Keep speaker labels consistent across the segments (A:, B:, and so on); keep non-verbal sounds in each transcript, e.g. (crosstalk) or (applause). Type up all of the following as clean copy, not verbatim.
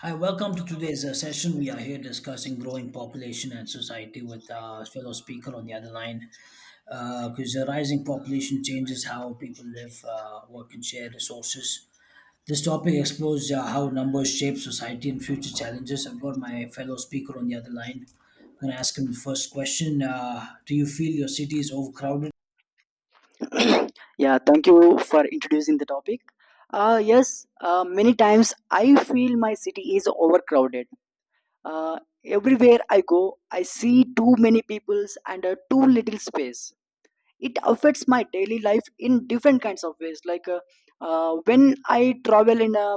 A: Hi,
B: And
A: welcome to
B: welcome to
A: today's
B: today's
A: session. We are
B: session.
A: here
B: We are here
A: discussing
B: discussing
A: growing
B: growing
A: population and
B: population
A: society
B: and
A: with
B: society with
A: fellow speaker on the other line.
B: our speaker on the other line.
A: Because the rising population
B: Is the
A: changes
B: rising
A: how people
B: population
A: live,
B: changes how
A: work, and share resources. This topic explores how numbers shape society and future challenges. I've got my fellow speaker on the other line. I'm going to ask him the first question. Do you feel your city is overcrowded?
B: we (coughs) Yeah, thank you for introducing the topic. Yes, many times I feel my city is overcrowded. Uh, Everywhere I go, I see too many peoples and too little space. It affects my daily life in different kinds of ways. When I travel in a,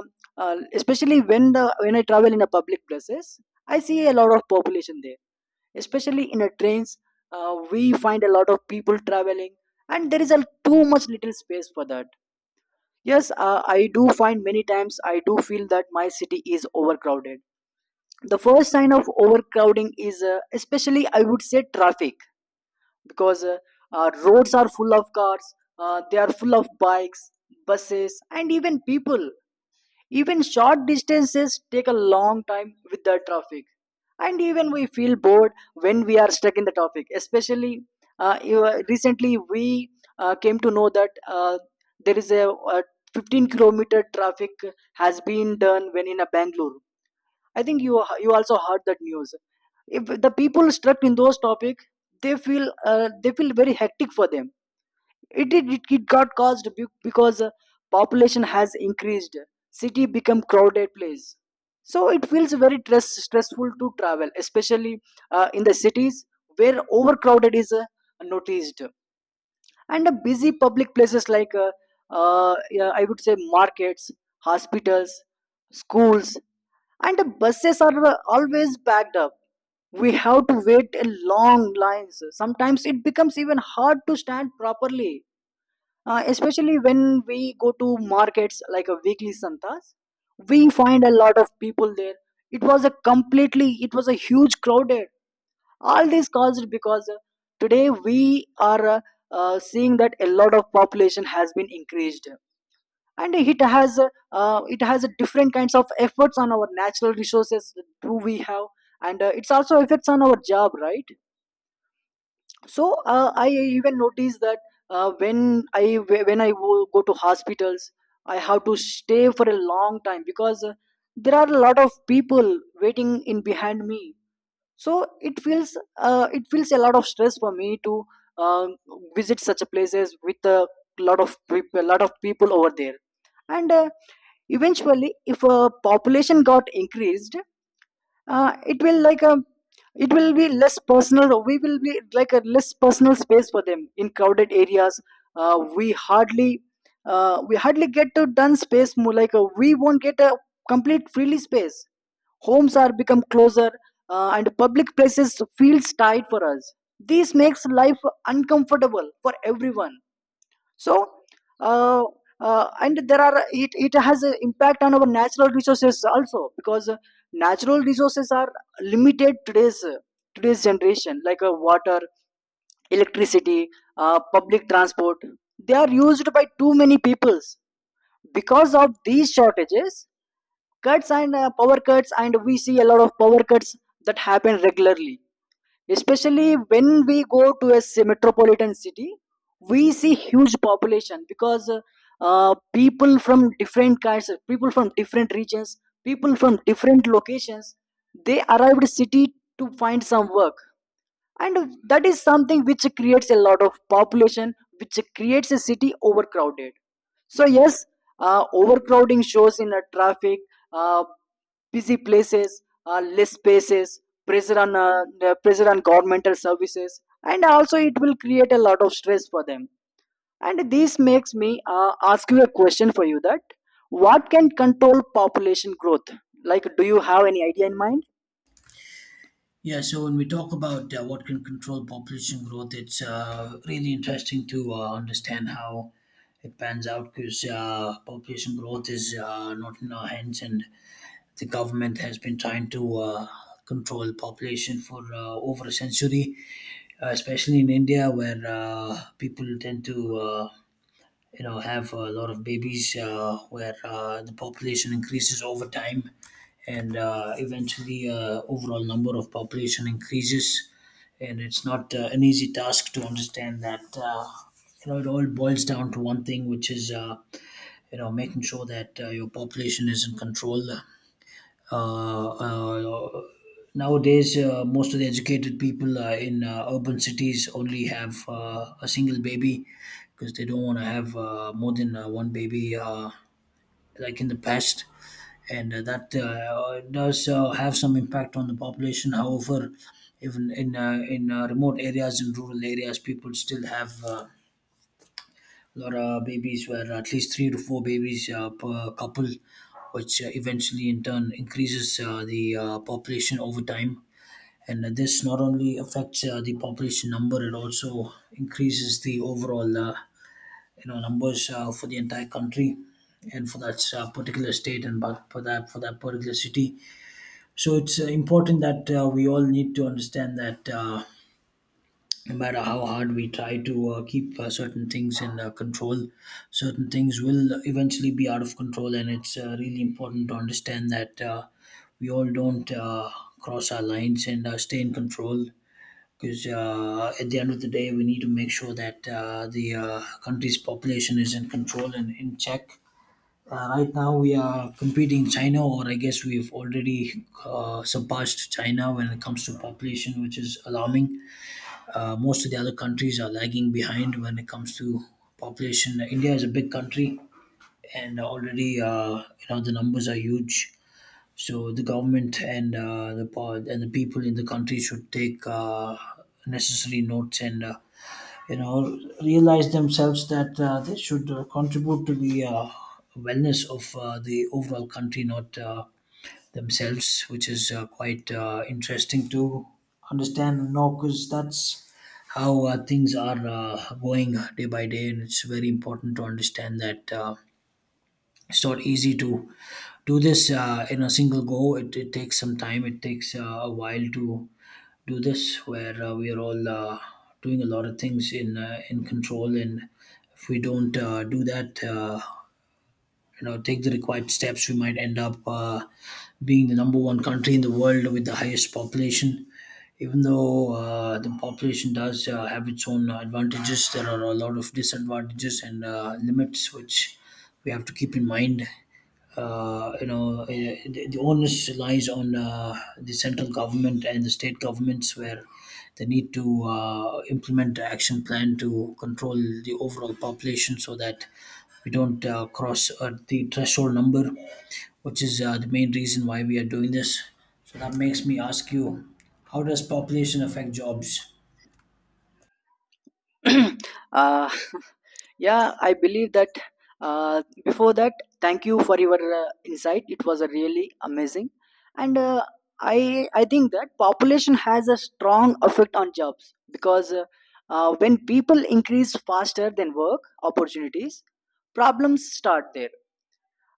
B: especially when I travel in a public places, I see a lot of population there. Especially in a trains, we find a lot of people traveling, and there is a too much little space for that. Yes, I do find many times I do feel that my city is overcrowded. The first sign of overcrowding is, especially I would say, traffic, because roads are full of cars, they are full of bikes, buses, and even people. Even short distances take a long time with the traffic, and even we feel bored when we are stuck in the traffic. Especially recently we came to know that there is a, 15-kilometer traffic has been done when in a Bangalore. I think you also heard that news. If the people stuck in those topic, they feel very hectic for them. It got caused because population has increased. City become crowded place. So it feels very stressful to travel, especially in the cities where overcrowded is noticed, and busy public places like yeah, I would say markets, hospitals, schools, and the buses are always backed up. We have to wait in long lines. Sometimes it becomes even hard to stand properly. Especially when we go to markets like a weekly santas, we find a lot of people there. It was a huge crowded. All this caused because today we are seeing that a lot of population has been increased, and it has different kinds of efforts on our natural resources. Do we have? And it's also effects on our job, right? So I even noticed that when I go to hospitals, I have to stay for a long time because there are a lot of people waiting in behind me. So it feels a lot of stress for me to uh, visit such a places with a lot of people, a lot of people over there. And eventually if a population got increased, it will like a, it will be less personal. We will be like a Less personal space for them in crowded areas. uh, we hardly we hardly get to done space. More like we won't get a complete freely space. Homes are become closer, and public places feels tight for us. This makes life uncomfortable for everyone. So uh, and there are, it has an impact on our natural resources also, because natural resources are limited. Today's generation, like water, electricity, public transport, they are used by too many peoples. Because of these shortages, cuts and power cuts, and we see a lot of power cuts that happen regularly, especially when we go to a metropolitan city. We see huge population because people from different kinds, people from different regions, people from different locations, they arrived city to find some work. And that is something which creates a lot of population, which creates a city overcrowded. So yes, overcrowding shows in a traffic, uh, busy places, less spaces, pressure on, the pressure on governmental services, and also it will create a lot of stress for them. And this makes me ask you a question for you, that what can control population growth? Like, do you have any idea in mind?
A: Yeah, so when we talk about what can control population growth, it's really interesting to understand how it pans out, because population growth is not in our hands, and the government has been trying to control population for over a century, especially in India, where people tend to you know have a lot of babies, where the population increases over time, and eventually overall number of population increases, and it's not an easy task to understand that. You know, it all boils down to one thing, which is you know, making sure that your population is in control. uh, uh, Nowadays, most of the educated people in urban cities only have a single baby, because they don't want to have more than one baby, like in the past. And that does have some impact on the population. However, even in remote areas and rural areas, people still have lot of babies, were at least three to four babies per couple, which eventually in turn increases the population over time. And this not only affects the population number, it also increases the overall you know numbers for the entire country and for that particular state, and but for that particular city. So it's important that we all need to understand that. No matter how hard we try to keep certain things in control, certain things will eventually be out of control. And it's really important to understand that we all don't cross our lines and stay in control. Because at the end of the day, we need to make sure that the country's population is in control and in check. Right now, we are competing China, or I guess we've already surpassed China when it comes to population, which is alarming. Most of the other countries are lagging behind when it comes to population. India is a big country, and already you know the numbers are huge. So the government and and the people in the country should take necessary notes and you know realize themselves that they should contribute to the wellness of the overall country, not themselves, which is quite interesting to understand now, because that's how things are going day by day, and it's very important to understand that. It's not easy to do this in a single go. It takes some time. It takes a while to do this, where we are all doing a lot of things in control, and if we don't do that, you know take the required steps, we might end up being the number one country in the world with the highest population. Even though the population does have its own advantages, there are a lot of disadvantages and limits which we have to keep in mind. You know, the onus lies on the central government and the state governments, where they need to implement an action plan to control the overall population, so that we don't cross the threshold number, which is the main reason why we are doing this. So that makes me ask you, how does population affect jobs?
B: (clears throat) uh, (laughs) yeah, I believe that, before that, thank you for your insight. It was really amazing. And uh, I think that population has a strong effect on jobs, because when people increase faster than work opportunities, problems start there.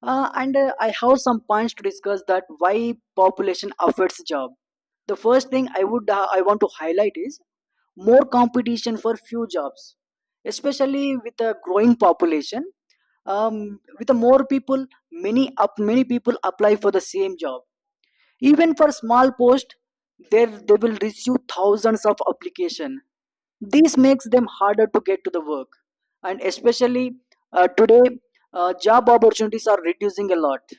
B: And I have some points to discuss that why population affects job. The first thing I would I want to highlight is more competition for few jobs, especially with a growing population. With the more people, many people apply for the same job, even for small post. There they will receive thousands of application. This makes them harder to get to the work. And especially today, job opportunities are reducing a lot.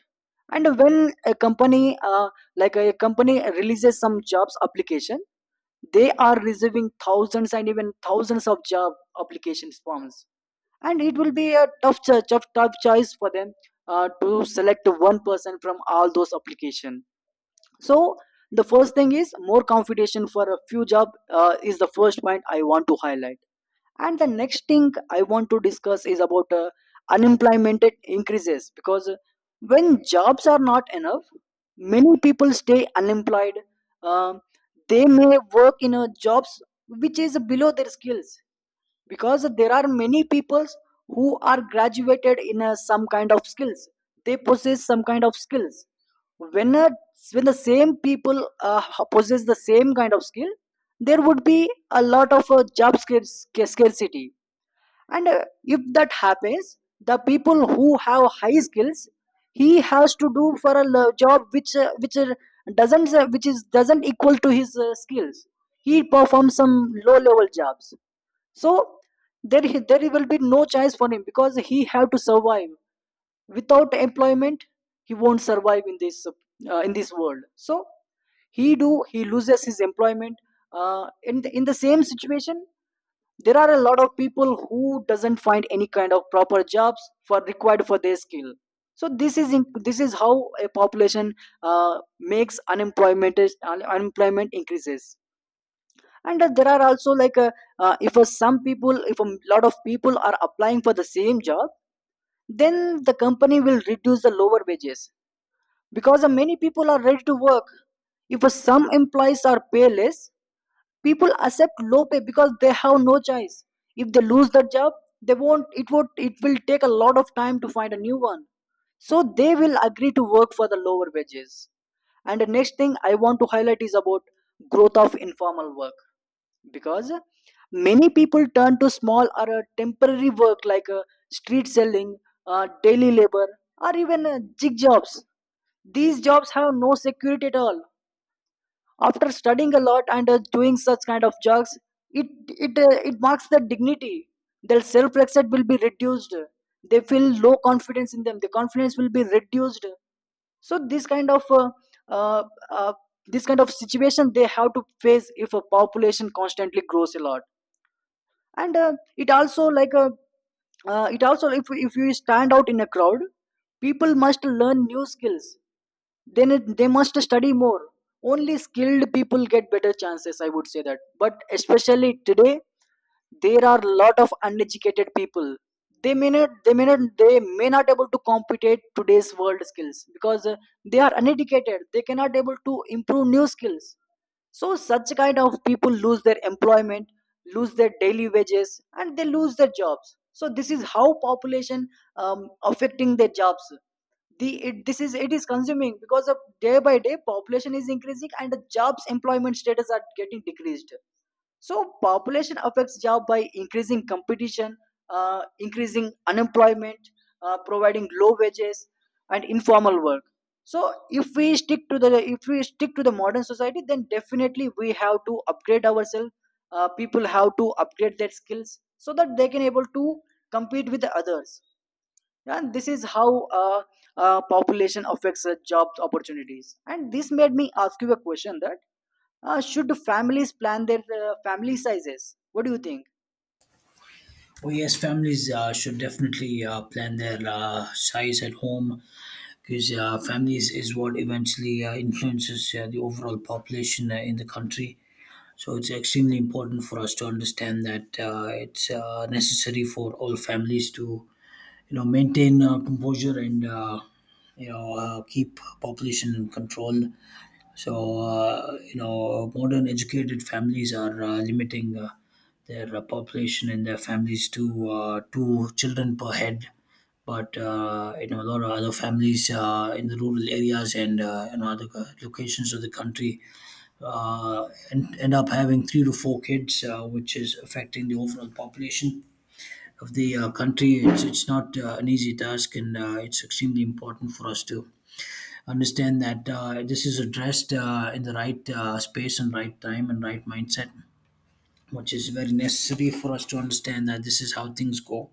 B: And when a company like a company releases some jobs application, they are receiving thousands and even thousands of job application forms. And it will be a tough choice for them to select one person from all those application. So the first thing is more competition for a few job is the first point I want to highlight. And the next thing I want to discuss is about unemployment increases, because when jobs are not enough, many people stay unemployed. Um they may work in a jobs which is below their skills, because there are many peoples who are graduated in some kind of skills. They possess some kind of skills. When a, when the same people possess the same kind of skill, there would be a lot of scarcity. And if that happens, the people who have high skills, he has to do for a job which doesn't which is doesn't equal to his skills. He performs some low level jobs. So there there will be no choice for him, because he have to survive. Without employment, he won't survive in this world. So he loses his employment, in in the same situation. There are a lot of people who doesn't find any kind of proper jobs for required for their skill. So this this is how a population makes unemployment increases. And there are also like if some people, if a lot of people are applying for the same job, then the company will reduce the lower wages, because many people are ready to work. If some employees are payless, people accept low pay because they have no choice. If they lose the job, they won't it will take a lot of time to find a new one. So they will agree to work for the lower wages. And the next thing I want to highlight is about growth of informal work, because many people turn to small or temporary work, like street selling, daily labor, or even jig jobs. These jobs have no security at all. After studying a lot and doing such kind of jobs, it marks their dignity. Their self respect will be reduced. They feel low confidence in them. The confidence will be reduced. So uh, uh, this kind of situation they have to face if a population constantly grows a lot. And it also like a, it also, if you stand out in a crowd, people must learn new skills, then they must study more. Only skilled people get better chances, I would say that. But especially today, there are lot of uneducated people. They may not able to compete at today's world skills, because they are uneducated. They cannot able to improve new skills. So such kind of people lose their employment, lose their daily wages, and they lose their jobs. So this is how population affecting their jobs. This is, it is consuming, because of day by day population is increasing and the jobs employment status are getting decreased. So population affects job by increasing competition, increasing unemployment, providing low wages, and informal work. So if we stick to the if we stick to the modern society, then definitely we have to upgrade ourselves. People have to upgrade their skills so that they can able to compete with the others. And this is how population affects job opportunities. And this made me ask you a question, that should families plan their family sizes? What do you think?
A: Oh yes, families should definitely plan their size at home, because families is what eventually influences the overall population in the country. So it's extremely important for us to understand that it's necessary for all families to you know maintain composure and keep population in control. So you know modern educated families are limiting their population and their families to two children per head, but you know a lot of other families in the rural areas and in other locations of the country end up having three to four kids, which is affecting the overall population of the country. It's not an easy task, and it's extremely important for us to understand that this is addressed in the right space and right time and right mindset, which is very necessary for us to understand that this is how things go.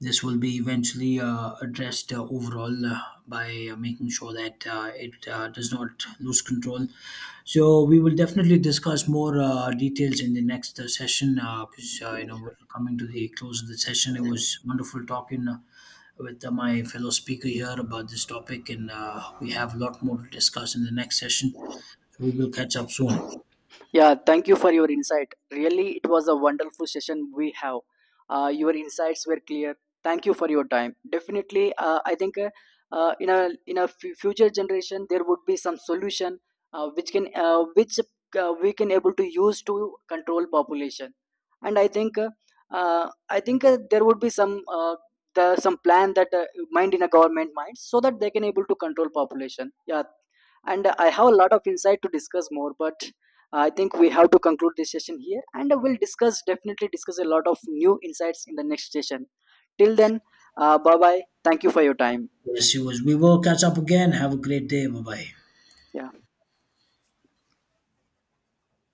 A: This will be eventually addressed overall by making sure that it does not lose control. So we will definitely discuss more details in the next session, because you know we're coming to the close of the session. It was wonderful talking with my fellow speaker here about this topic, and we have a lot more to discuss in the next session. So we will catch up soon.
B: Yeah, thank you for your insight. Really, it was a wonderful session we have. Your insights were clear. Thank you for your time. Definitely, I think, in a future generation, there would be some solution which we can able to use to control population. And I think there would be some the some plan that mind in a government mind, so that they can able to control population. Yeah, and I have a lot of insight to discuss more, but I think we have to conclude this session here and we'll discuss definitely discuss a lot of new insights in the next session. Till then, bye bye. Thank you for your time.
A: Yes, it was. We will catch up again. Have a great day. Bye bye.
B: Yeah.